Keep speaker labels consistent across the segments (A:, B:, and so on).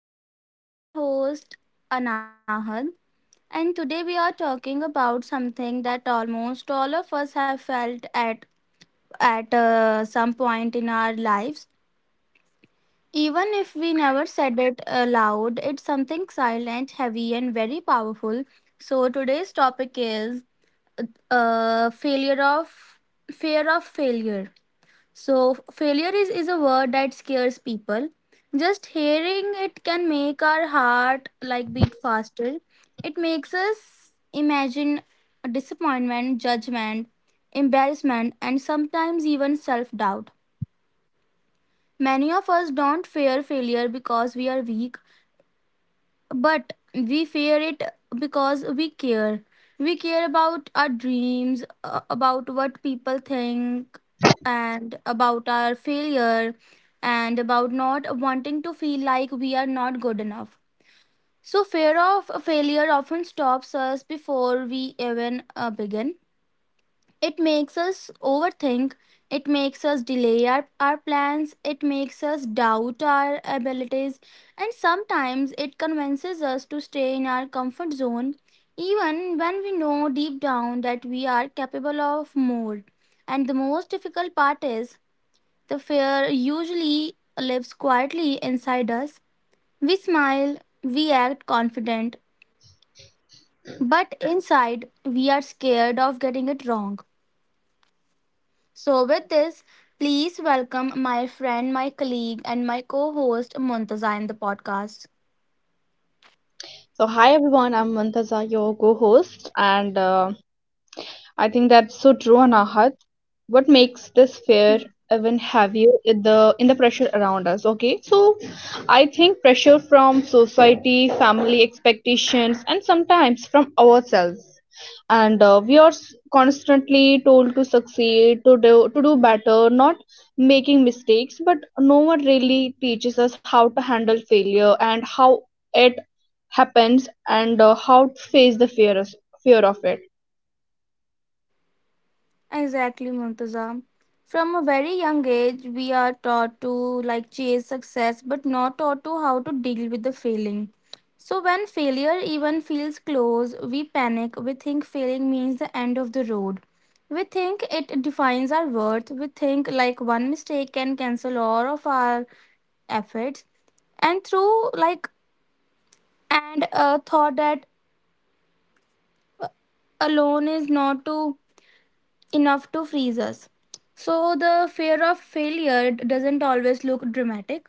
A: podcast. I am your host, Anahad, and today we are talking about something that almost all of us have felt at some point in our lives. Even if we never said it aloud, it's something silent, heavy, and very powerful. So today's topic is failure of fear of failure. So, failure is a word that scares people. Just hearing it can make our heart like beat faster. It makes us imagine disappointment, judgment, embarrassment, and sometimes even self doubt. Many of us don't fear failure because we are weak. But we fear it because we care. We care about our dreams, about what people think, and about our failure, and about not wanting to feel like we are not good enough. So, fear of failure often stops us before we even begin. It makes us overthink, it makes us delay our plans, it makes us doubt our abilities, and sometimes it convinces us to stay in our comfort zone even when we know deep down that we are capable of more. And the most difficult part is the fear usually lives quietly inside us. We smile, we act confident, but inside we are scared of getting it wrong. So, with this, please welcome my friend, my colleague, and my co host Muntaza in the podcast.
B: So, hi everyone, I'm Mantaza, your co host, and I think that's so true, Anahat. What makes this fear even heavier in the pressure around us, okay? So, I think pressure from society, family expectations, and sometimes from ourselves and we are constantly told to succeed to do better not making mistakes, but no one really teaches us how to handle failure and how it happens, and how to face the fear of it.
A: Exactly, Muntaza. From a very young age, we are taught to like chase success, but not taught to how to deal with the failing. So, when failure even feels close, we panic. We think failing means the end of the road. We think it defines our worth. We think like one mistake can cancel all of our efforts and through like and thought that alone is not to, enough to freeze us. So the fear of failure doesn't always look dramatic.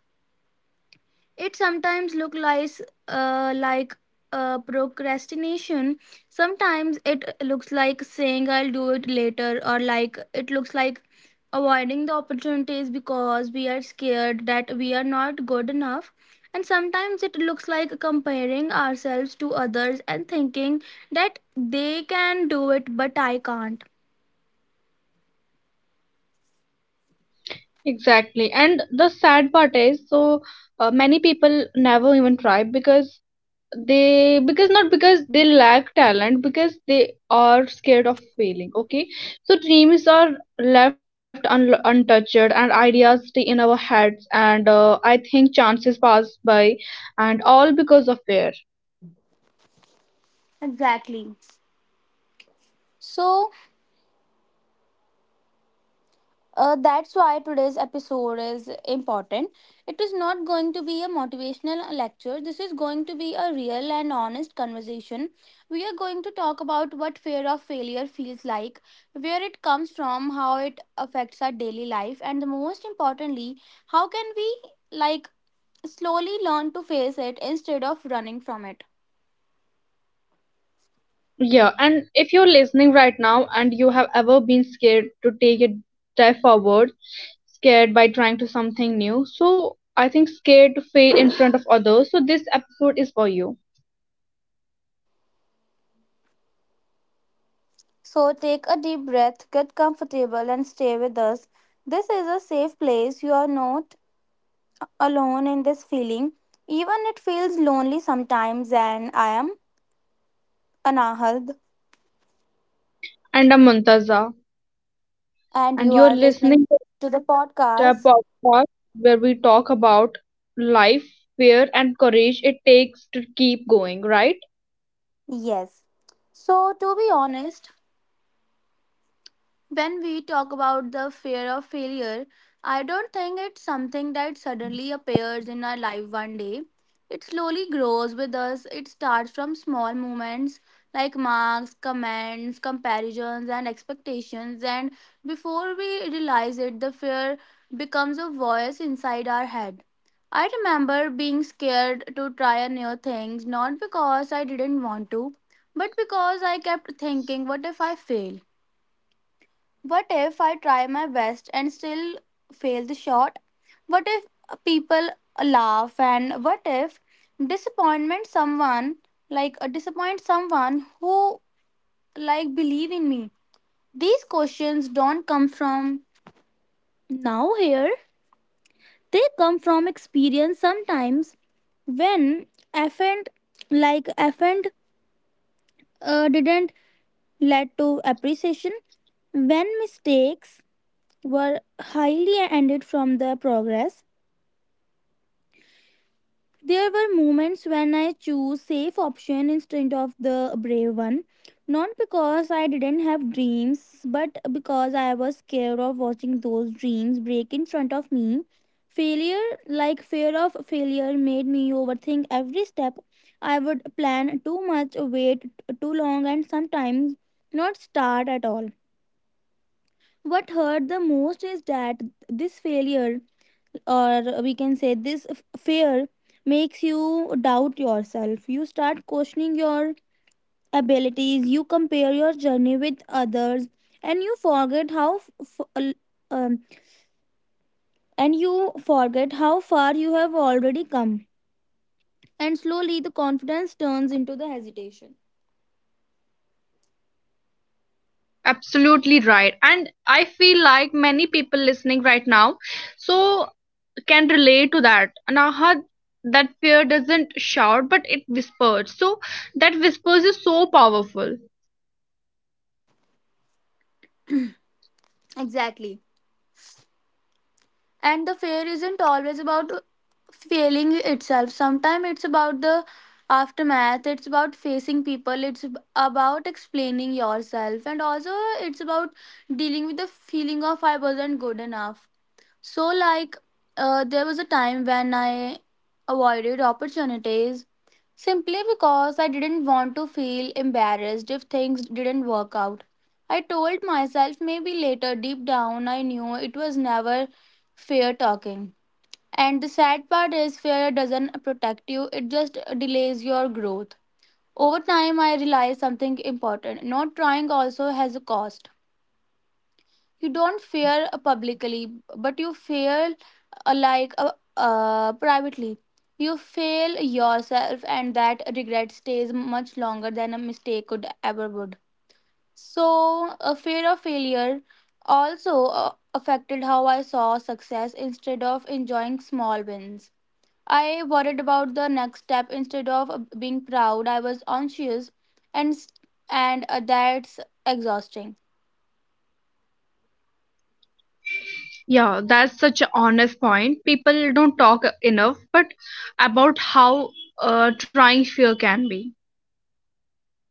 A: It sometimes looks like uh, like procrastination. Sometimes it looks like saying I'll do it later, or like it looks like avoiding the opportunities because we are scared that we are not good enough. And sometimes it looks like comparing ourselves to others and thinking that they can do it but I can't.
B: Exactly, and the sad part is, so many people never even try because they because not because they lack talent, because they are scared of failing, okay? So dreams are left untouched and ideas stay in our heads, and I think chances pass by, and all because of fear.
A: Exactly. So, that's why today's episode is important. It is not going to be a motivational lecture. This is going to be a real and honest conversation. We are going to talk about what fear of failure feels like, where it comes from, how it affects our daily life, and the most importantly, how can we like slowly learn to face it instead of running from it.
B: Yeah, and if you're listening right now and you have ever been scared to take a step forward, scared by trying to something new, so I think scared to fail in front of others, so this episode is for you.
A: So take a deep breath, get comfortable, and stay with us. This is a safe place. You are not alone in this feeling. Even it feels lonely sometimes, and I am Anahad,
B: And I'm Muntaza,
A: and
B: and
A: you
B: you're
A: are
B: listening
A: listening to the
B: to a
A: podcast.
B: podcast where we talk about life, fear, and courage it takes to keep going, right?
A: Yes. So, to be honest, when we talk about the fear of failure, I don't think it's something that suddenly appears in our life one day. It slowly grows with us. It starts from small moments like marks, comments, comparisons, and expectations. And before we realize it, the fear becomes a voice inside our head. I remember being scared to try a new things, not because I didn't want to, but because I kept thinking, what if I fail? What if I try my best and still fail the shot? What if people laugh and what if disappointment someone like disappoint someone who like believe in me? These questions don't come from now here. They come from experience sometimes when effort effort didn't lead to appreciation when mistakes were highly ended from the progress. There were moments when I chose safe option instead of the brave one, not because I didn't have dreams, but because I was scared of watching those dreams break in front of me. Failure, like Fear of failure made me overthink every step. I would plan too much, wait too long, and sometimes not start at all. What hurt the most is that this failure or we can say this f- fear makes you doubt yourself. You start questioning your abilities. You compare your journey with others and you forget how f- f- l- um, and you forget how far you have already come, and slowly the confidence turns into the hesitation.
B: Absolutely right. And I feel like many people listening right now so can relate to that. Naha, that fear doesn't shout, but it whispers. So that whispers is so powerful.
A: Exactly. And the fear isn't always about failing itself. Sometimes it's about the aftermath. It's about facing people. It's about explaining yourself, and also it's about dealing with the feeling of I wasn't good enough. So, there was a time when I avoided opportunities simply because I didn't want to feel embarrassed if things didn't work out. I told myself maybe later, deep down, I knew it was never fair talking. And the sad part is, fear doesn't protect you, it just delays your growth. Over time, I realized something important. Not trying also has a cost. You don't fear publicly, but you fail privately. You fail yourself, and that regret stays much longer than a mistake could ever would. So a fear of failure also affected how I saw success. Instead of enjoying small wins, I worried about the next step. Instead of being proud, I was anxious, and s- and that's exhausting.
B: Yeah, that's such an honest point. People don't talk enough, but about how trying fear can be.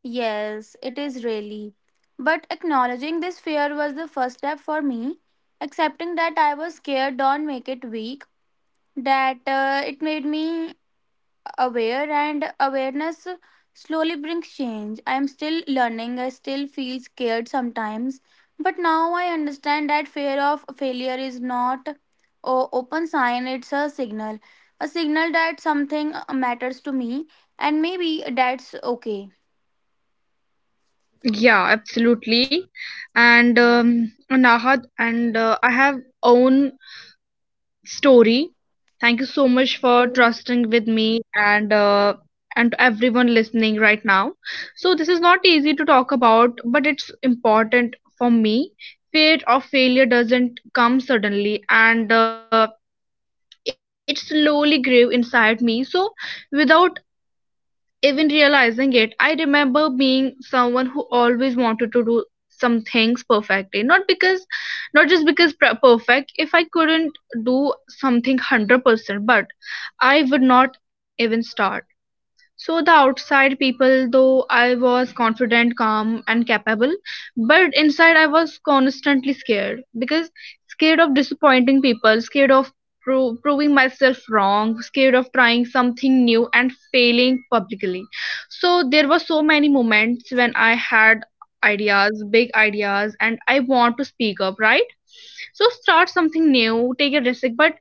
A: Yes, it is really. But acknowledging this fear was the first step for me. Accepting that I was scared don't make it weak, that it made me aware, and awareness slowly brings change. I am still learning, I still feel scared sometimes, but now I understand that fear of failure is not a open sign, it's a signal. A signal that something matters to me, and maybe that's okay.
B: Yeah, absolutely. And Nahad, and I have own story. Thank you so much for trusting with me, and to everyone listening right now. So this is not easy to talk about, but it's important for me. Fear of failure doesn't come suddenly, and it slowly grew inside me. So without even realizing it, I remember being someone who always wanted to do some things perfectly. Not just because perfect. If I couldn't do something 100%, but I would not even start. So the outside people, though I was confident, calm, and capable, but inside I was constantly scared because scared of disappointing people, scared of proving myself wrong, scared of trying something new and failing publicly. So there were so many moments when I had ideas, big ideas, and I want to speak up, right? So start something new, take a risk, but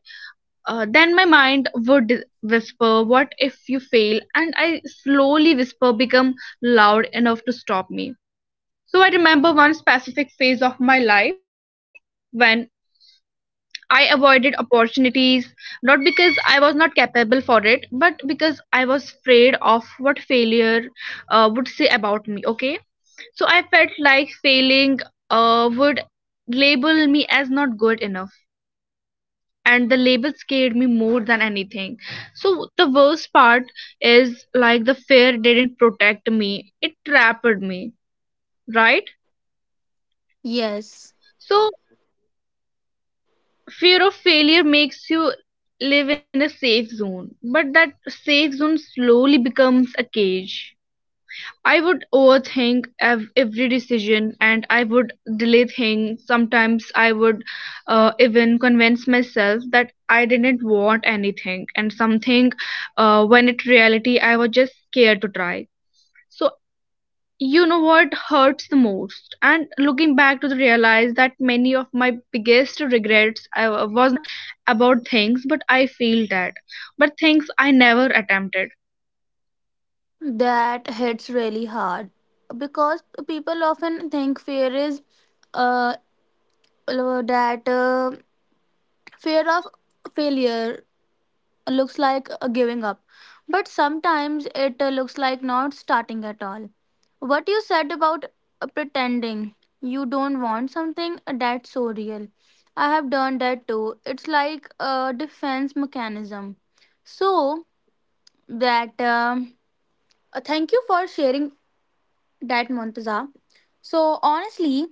B: then my mind would whisper, what if you fail? And I slowly whisper become loud enough to stop me. So I remember one specific phase of my life when I avoided opportunities, not because I was not capable for it, but because I was afraid of what failure would say about me. Okay, so I felt like failing would label me as not good enough, and the label scared me more than anything. So the worst part is, like, the fear didn't protect me, it trapped me, right?
A: Yes,
B: So fear of failure makes you live in a safe zone, but that safe zone slowly becomes a cage. I would overthink every decision and I would delay things. Sometimes I would even convince myself that I didn't want anything and something, when in reality I was just scared to try. So, you know what hurts the most? And looking back to the realize that many of my biggest regrets I was not about things, but I feel that. But things I never attempted.
A: that hits really hard because people often think fear is uh, that fear of failure looks like giving up, but sometimes it looks like not starting at all. What you said about pretending you don't want something, that's so real. I have done that too. It's like a defense mechanism. So that thank you for sharing that, Muntaza. So honestly,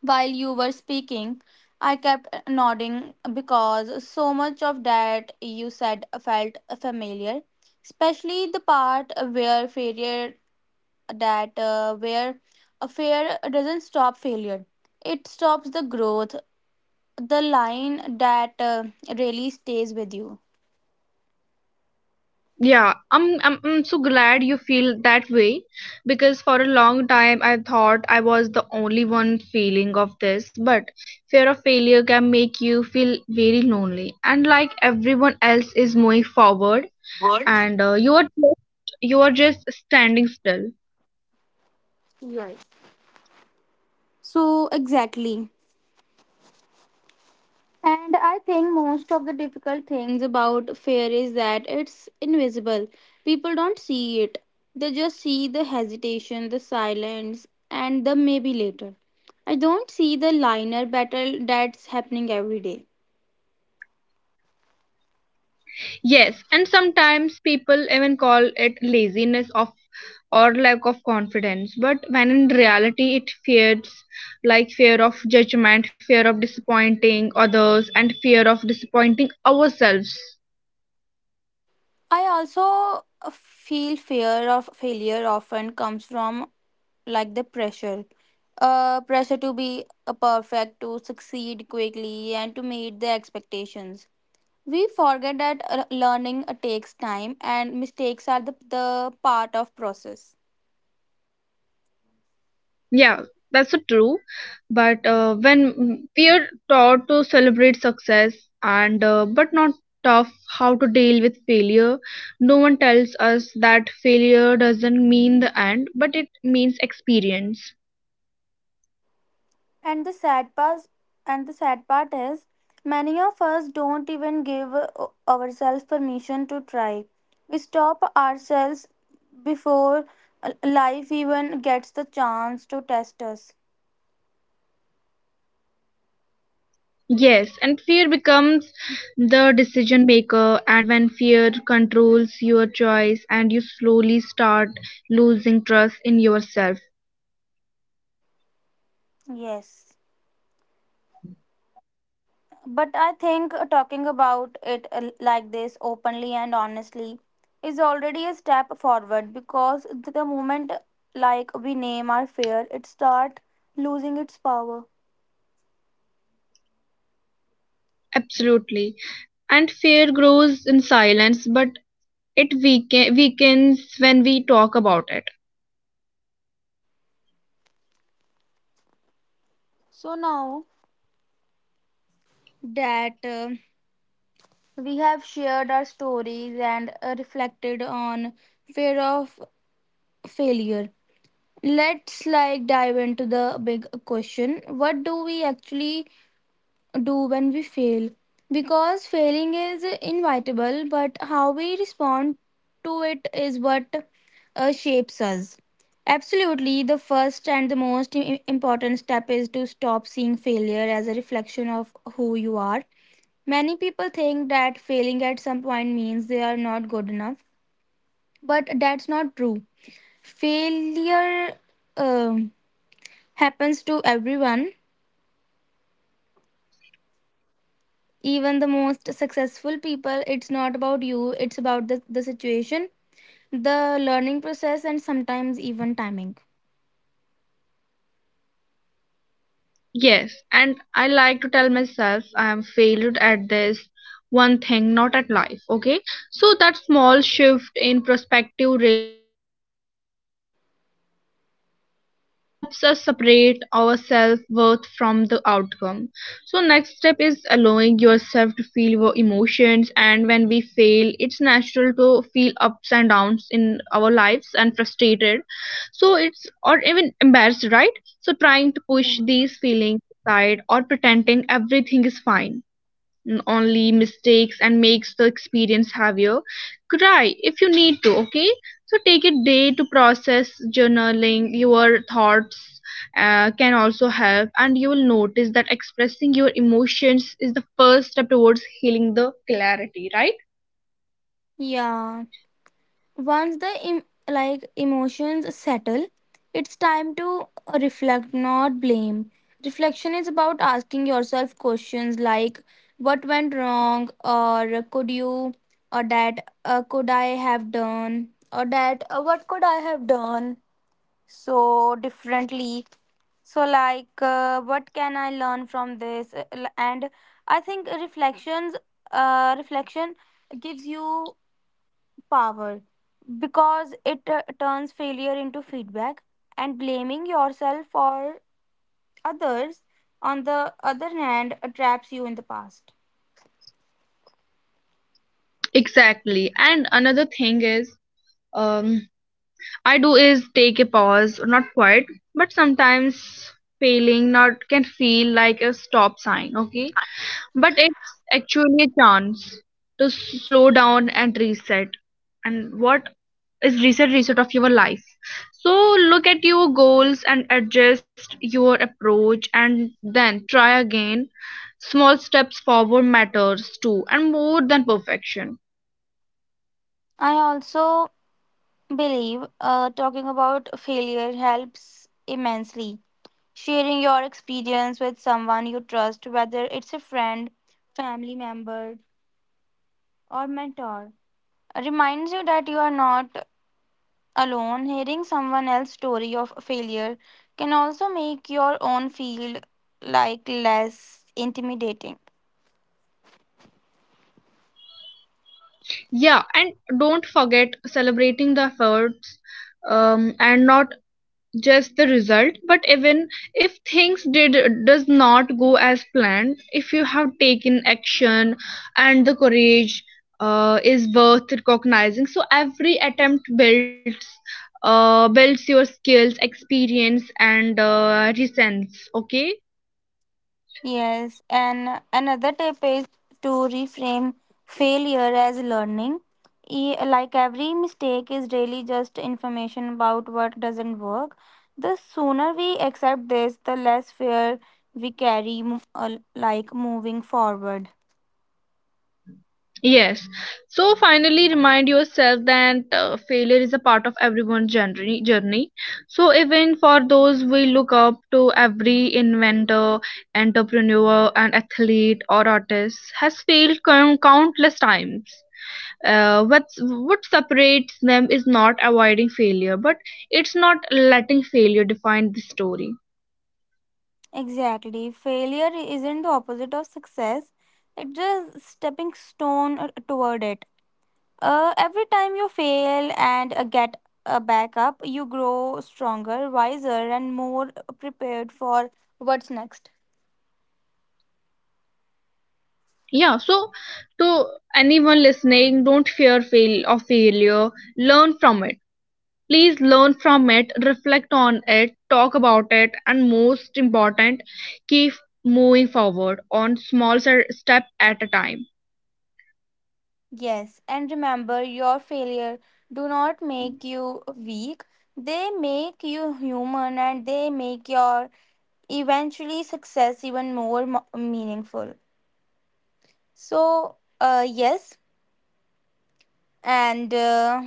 A: while you were speaking, I kept nodding because so much of that you said felt familiar, especially the part where failure that where a failure doesn't stop failure, it stops the growth. The line that really stays with you.
B: Yeah, I'm so glad you feel that way, because for a long time I thought I was the only one feeling of this, but fear of failure can make you feel very lonely and like everyone else is moving forward, and you are just standing still.
A: Right. So exactly. And I think most of the difficult things about fear is that it's invisible. People don't see it. They just see the hesitation, the silence, and the maybe later. I don't see the liner battle that's happening every day.
B: Yes, and sometimes people even call it laziness of or lack of confidence, but when in reality it fears, like fear of judgment, fear of disappointing others, and fear of disappointing ourselves.
A: I also feel fear of failure often comes from like the pressure to be a perfect, to succeed quickly, and to meet the expectations. We forget that learning takes time and mistakes are the part of process.
B: Yeah, that's so true. But when we are taught to celebrate success and but not tough how to deal with failure, no one tells us that failure doesn't mean the end, but it means experience.
A: And the sad part and the sad part is many of us don't even give ourselves permission to try. We stop ourselves before life even gets the chance to test us.
B: Yes, and fear becomes the decision maker, and when fear controls your choice, and you slowly start losing trust in yourself.
A: Yes. But I think talking about it like this openly and honestly is already a step forward because the moment like we name our fear, it start losing its power.
B: Absolutely. And fear grows in silence, but it weakens when we talk about it.
A: So now that we have shared our stories and reflected on fear of failure, let's like dive into the big question: what do we actually do when we fail, because failing is inevitable, but how we respond to it is what shapes us. Absolutely. The first and the most important step is to stop seeing failure as a reflection of who you are. Many people think that failing at some point means they are not good enough, but that's not true. Failure um, happens to everyone, even the most successful people. It's not about you, it's about the situation, the learning process, and sometimes even timing.
B: Yes, and I like to tell myself I am failed at this one thing, not at life. Okay, so that small shift in perspective really changes like everything. So it helps us separate our self worth from the outcome. So next step is allowing yourself to feel your emotions, and when we fail, it's natural to feel ups and downs in our lives and frustrated. So it's or even embarrassed, right? So trying to push
A: Yeah.
B: these feelings aside or pretending everything is fine, and only mistakes and makes the experience heavier. Cry if you need to, okay? So take a day to process journaling your thoughts can also help, and you will notice that expressing your emotions is the first step towards healing the clarity, right?
A: Yeah, once the emotions settle, it's time to reflect, not blame. Reflection is about asking yourself questions like what went wrong, or could you or that could I have done or that what could I have done so differently, so like what can I learn from this. L- and I think reflections Reflection gives you power because it turns failure into feedback, and blaming yourself for others on the other hand traps you in the past.
B: Exactly. And another thing is, um I do is take a pause, not quite, but sometimes failing not can feel like a stop sign, okay? But it's actually a chance to slow down and reset. And what is reset of your life? So look at your goals and adjust your approach and then try again. Small steps forward matters too and more than perfection.
A: I also believe talking about failure helps immensely. Sharing your experience with someone you trust, whether it's a friend, family member, or mentor, reminds you that you are not alone. Hearing someone else's story of failure can also make your own feel like less intimidating.
B: Yeah, and don't forget celebrating the efforts, and not just the result, but even if things did does not go as planned, if you have taken action and the courage is worth recognizing. So every attempt builds your skills, experience, and resilience. Okay.
A: Yes, and another tip is to reframe failure as learning. Like every mistake is really just information about what doesn't work. The sooner we accept this, the less fear we carry, like moving forward.
B: Yes. So finally, remind yourself that failure is a part of everyone's journey. Journey. So even for those we look up to, every inventor, entrepreneur, and athlete or artist has failed countless times. What separates them is not avoiding failure, but it's not letting failure define the story.
A: Exactly. Failure isn't the opposite of success, it's a stepping stone toward it. Every time you fail and get a backup, you grow stronger, wiser, and more prepared for what's next.
B: Yeah. So to anyone listening, don't fear fail of failure. Learn from it. Please learn from it, reflect on it, talk about it, and most important, keep moving forward on small step at a time.
A: Yes, and remember your failure do not make you weak. They make you human and they make your eventually success even more meaningful. So, yes, and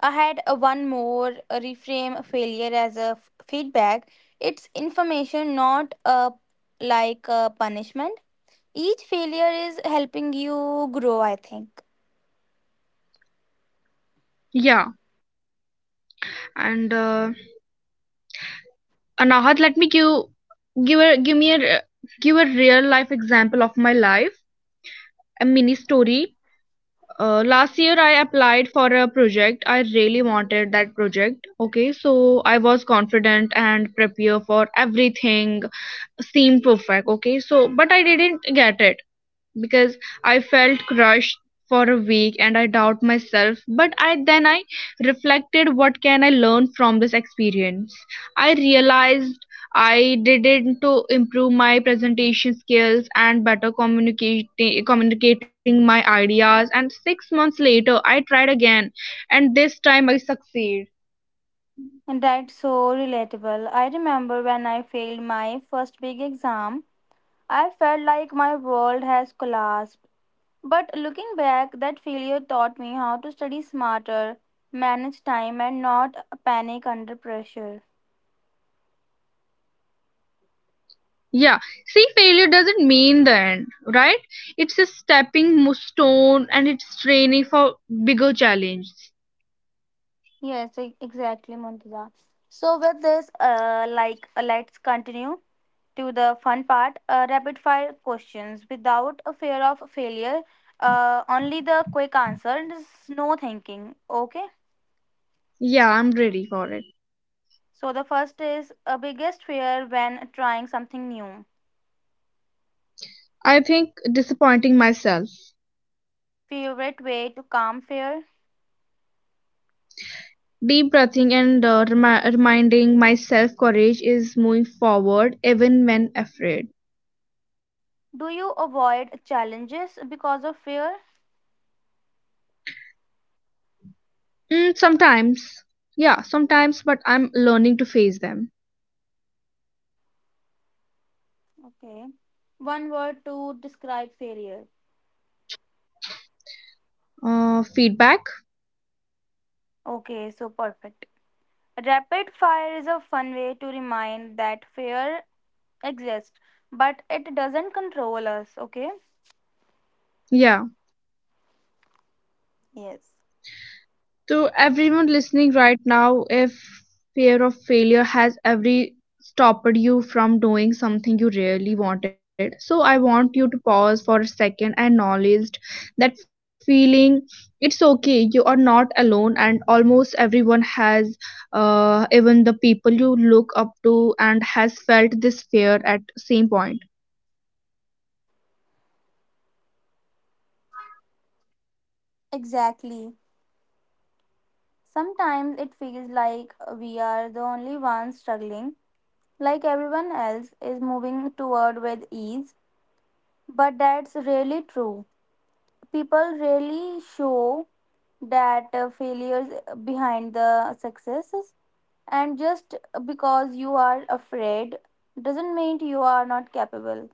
A: I had a one more a reframe failure as a feedback. It's information, not a like a punishment. Each failure is helping you grow. I think.
B: Yeah, and Anahat, let me give give a give me a give a real life example of my life, a mini story. Last year I applied for a project. I really wanted that project. Okay, so I was confident and prepared for everything seemed perfect. Okay, so but I didn't get it, because I felt crushed for a week, and I doubt myself, but I then I reflected what can I learn from this experience. I realized I did it to improve my presentation skills and better communicating my ideas, and 6 months later I tried again, and this time I succeed.
A: And that's so relatable. I remember when I failed my first big exam, I felt like my world has collapsed. But looking back, that failure taught me how to study smarter, manage time, and not panic under pressure.
B: Yeah, see, failure doesn't mean the end, right? It's a stepping stone, and it's training for bigger challenge.
A: Yes, exactly, Muntaza. So with this, let's continue to the fun part. Rapid fire questions without a fear of failure. Only the quick answer and no thinking. Okay.
B: Yeah, I'm ready for it.
A: So the first is a biggest fear when trying something new.
B: I think disappointing myself,
A: Favorite way to calm fear.
B: deep breathing, and reminding myself courage is moving forward even when afraid.
A: Do you avoid challenges because of fear?
B: Mm, sometimes, yeah, sometimes, but I'm learning to face them.
A: Okay. One word to describe failure.
B: Feedback,
A: Okay, so perfect. Rapid fire is a fun way to remind that fear exists, but it doesn't control us, okay?
B: yeah.
A: Yes.
B: To everyone listening right now, if fear of failure has ever stopped you from doing something you really wanted, so I want you to pause for a second and acknowledge that feeling. It's okay, you are not alone, and almost everyone has, even the people you look up to, and has felt this fear at same point.
A: Exactly. Sometimes it feels like we are the only ones struggling, like everyone else is moving toward with ease, but that's really true. People really show that failures behind the successes, and just because you are afraid doesn't mean you are not capable.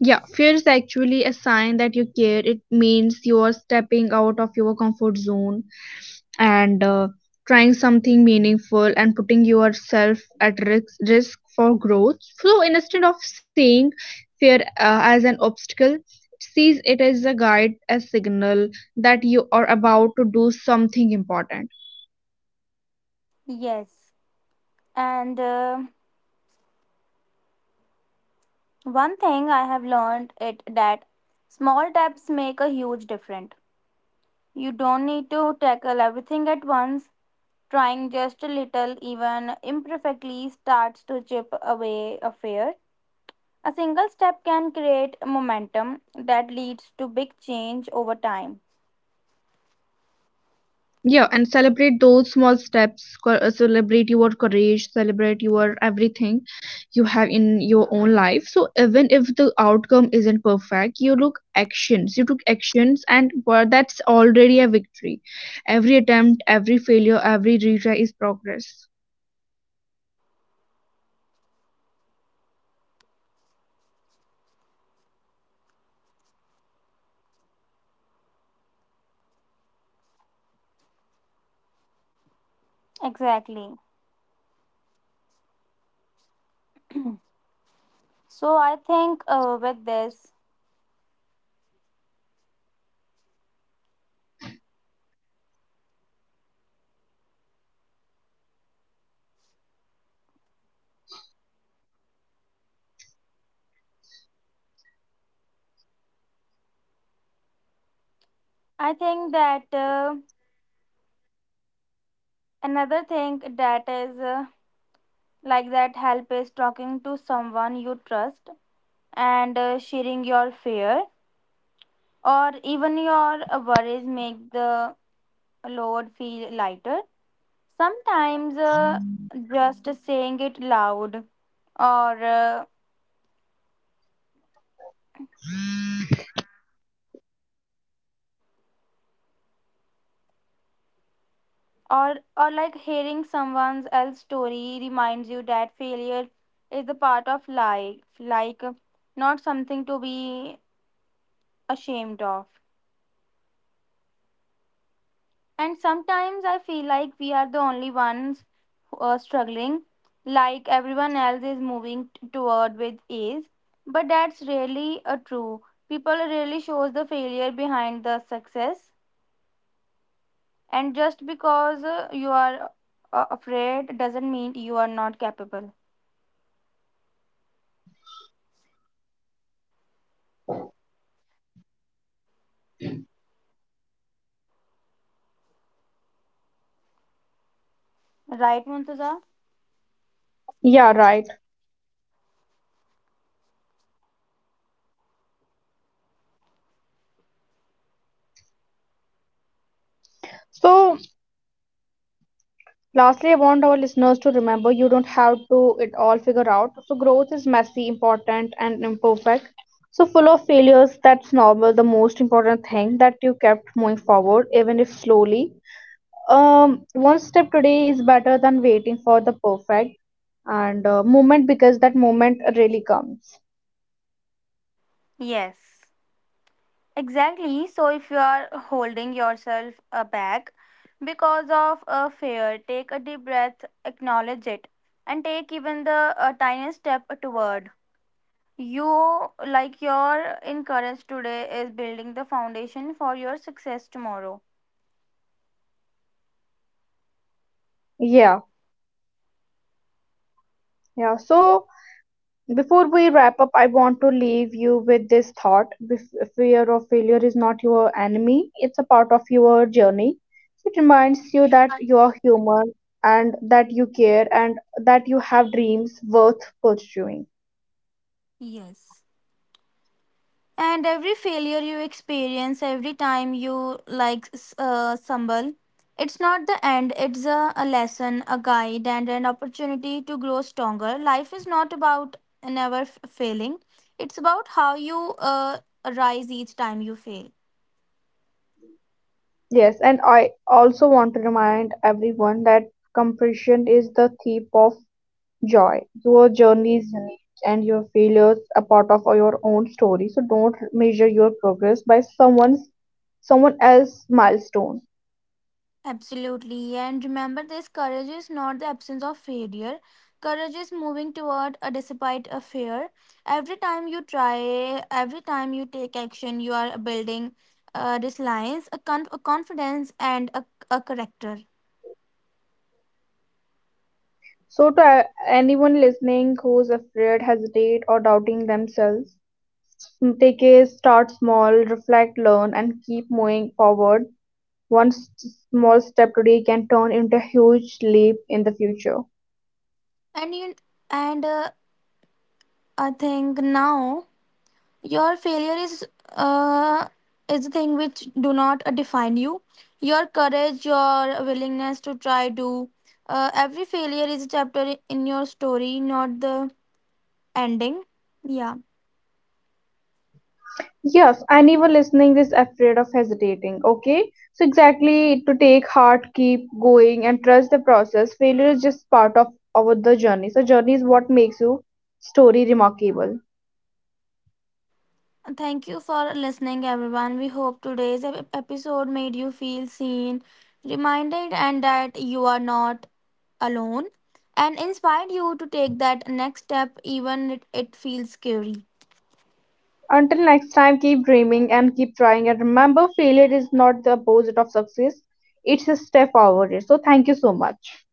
B: Yeah, fear is actually a sign that you care. It means you are stepping out of your comfort zone and trying something meaningful and putting yourself at risk for growth. So instead of seeing fear as an obstacle, sees it as a guide, a signal that you are about to do something important.
A: Yes, and one thing I have learned it that small steps make a huge difference. You don't need to tackle everything at once. Trying just a little, even imperfectly, starts to chip away a fear. A single step can create momentum that leads to big change over time.
B: Yeah, and celebrate those small steps. Celebrate your courage, celebrate your everything you have in your own life. So, even if the outcome isn't perfect, you took actions, and well, that's already a victory. Every attempt, every failure, every retry is progress.
A: Exactly. So I think with this, I think that another thing that is. Like that, help is talking to someone you trust and sharing your fear or even your worries make the load feel lighter. Sometimes just saying it loud or uh, or like hearing someone else's story reminds you that failure is the part of life, like not something to be ashamed of. And sometimes I feel like we are the only ones who struggling, like everyone else is moving toward with ease. But that's rarely a true. People rarely shows the failure behind the success. And just because you are afraid doesn't mean you are not capable. Right, Muntaza?
B: Yeah, right. So lastly, I want our listeners to remember you don't have to it all figure out. So growth is messy, important and imperfect. So full of failures, that's normal. The most important thing that you kept moving forward, even if slowly. One step today is better than waiting for the perfect, and moment because that moment really comes.
A: Yes. Exactly. So if you are holding yourself back because of a fear, take a deep breath, acknowledge it, and take even the tiniest step toward. You, like your encourage today, is building the foundation for your success tomorrow.
B: Yeah, yeah. So before we wrap up, I want to leave you with this thought. Fear of failure is not your enemy, it's a part of your journey. It reminds you that you are human and that you care and that you have dreams worth pursuing.
A: Yes. And every failure you experience, every time you stumble, it's not the end. It's a lesson, a guide, and an opportunity to grow stronger. Life is not about never failing. It's about how you rise each time you fail.
B: Yes, and I also want to remind everyone that compression is the thief of joy. Your journey is unique and your failures are part of your own story. So don't measure your progress by someone else's milestone.
A: Absolutely. And remember, this courage is not the absence of failure. Courage is moving toward a despite a fear. Every time you try, every time you take action, you are building resilience, a, a confidence, and a character.
B: So to anyone listening who's afraid, hesitate or doubting themselves, take a start small, reflect, learn and keep moving forward. One small step today can turn into a huge leap in the future.
A: And you, and I think now your failure uh, is the thing which do not define you. Your courage, your willingness to try, do every failure is a chapter in your story, not the ending. Yeah,
B: Yes, anyone listening is afraid of hesitating, okay? So, exactly to take heart, keep going, and trust the process. Failure is just part of our the journey. So, journey is what makes you story remarkable.
A: thank you for listening everyone. We hope today's episode made you feel seen, reminded, and that you are not alone, and inspired you to take that next step even it feels scary.
B: Until next time, keep dreaming and keep trying. And remember, failure is not the opposite of success, it's a step forward. So, thank you so much.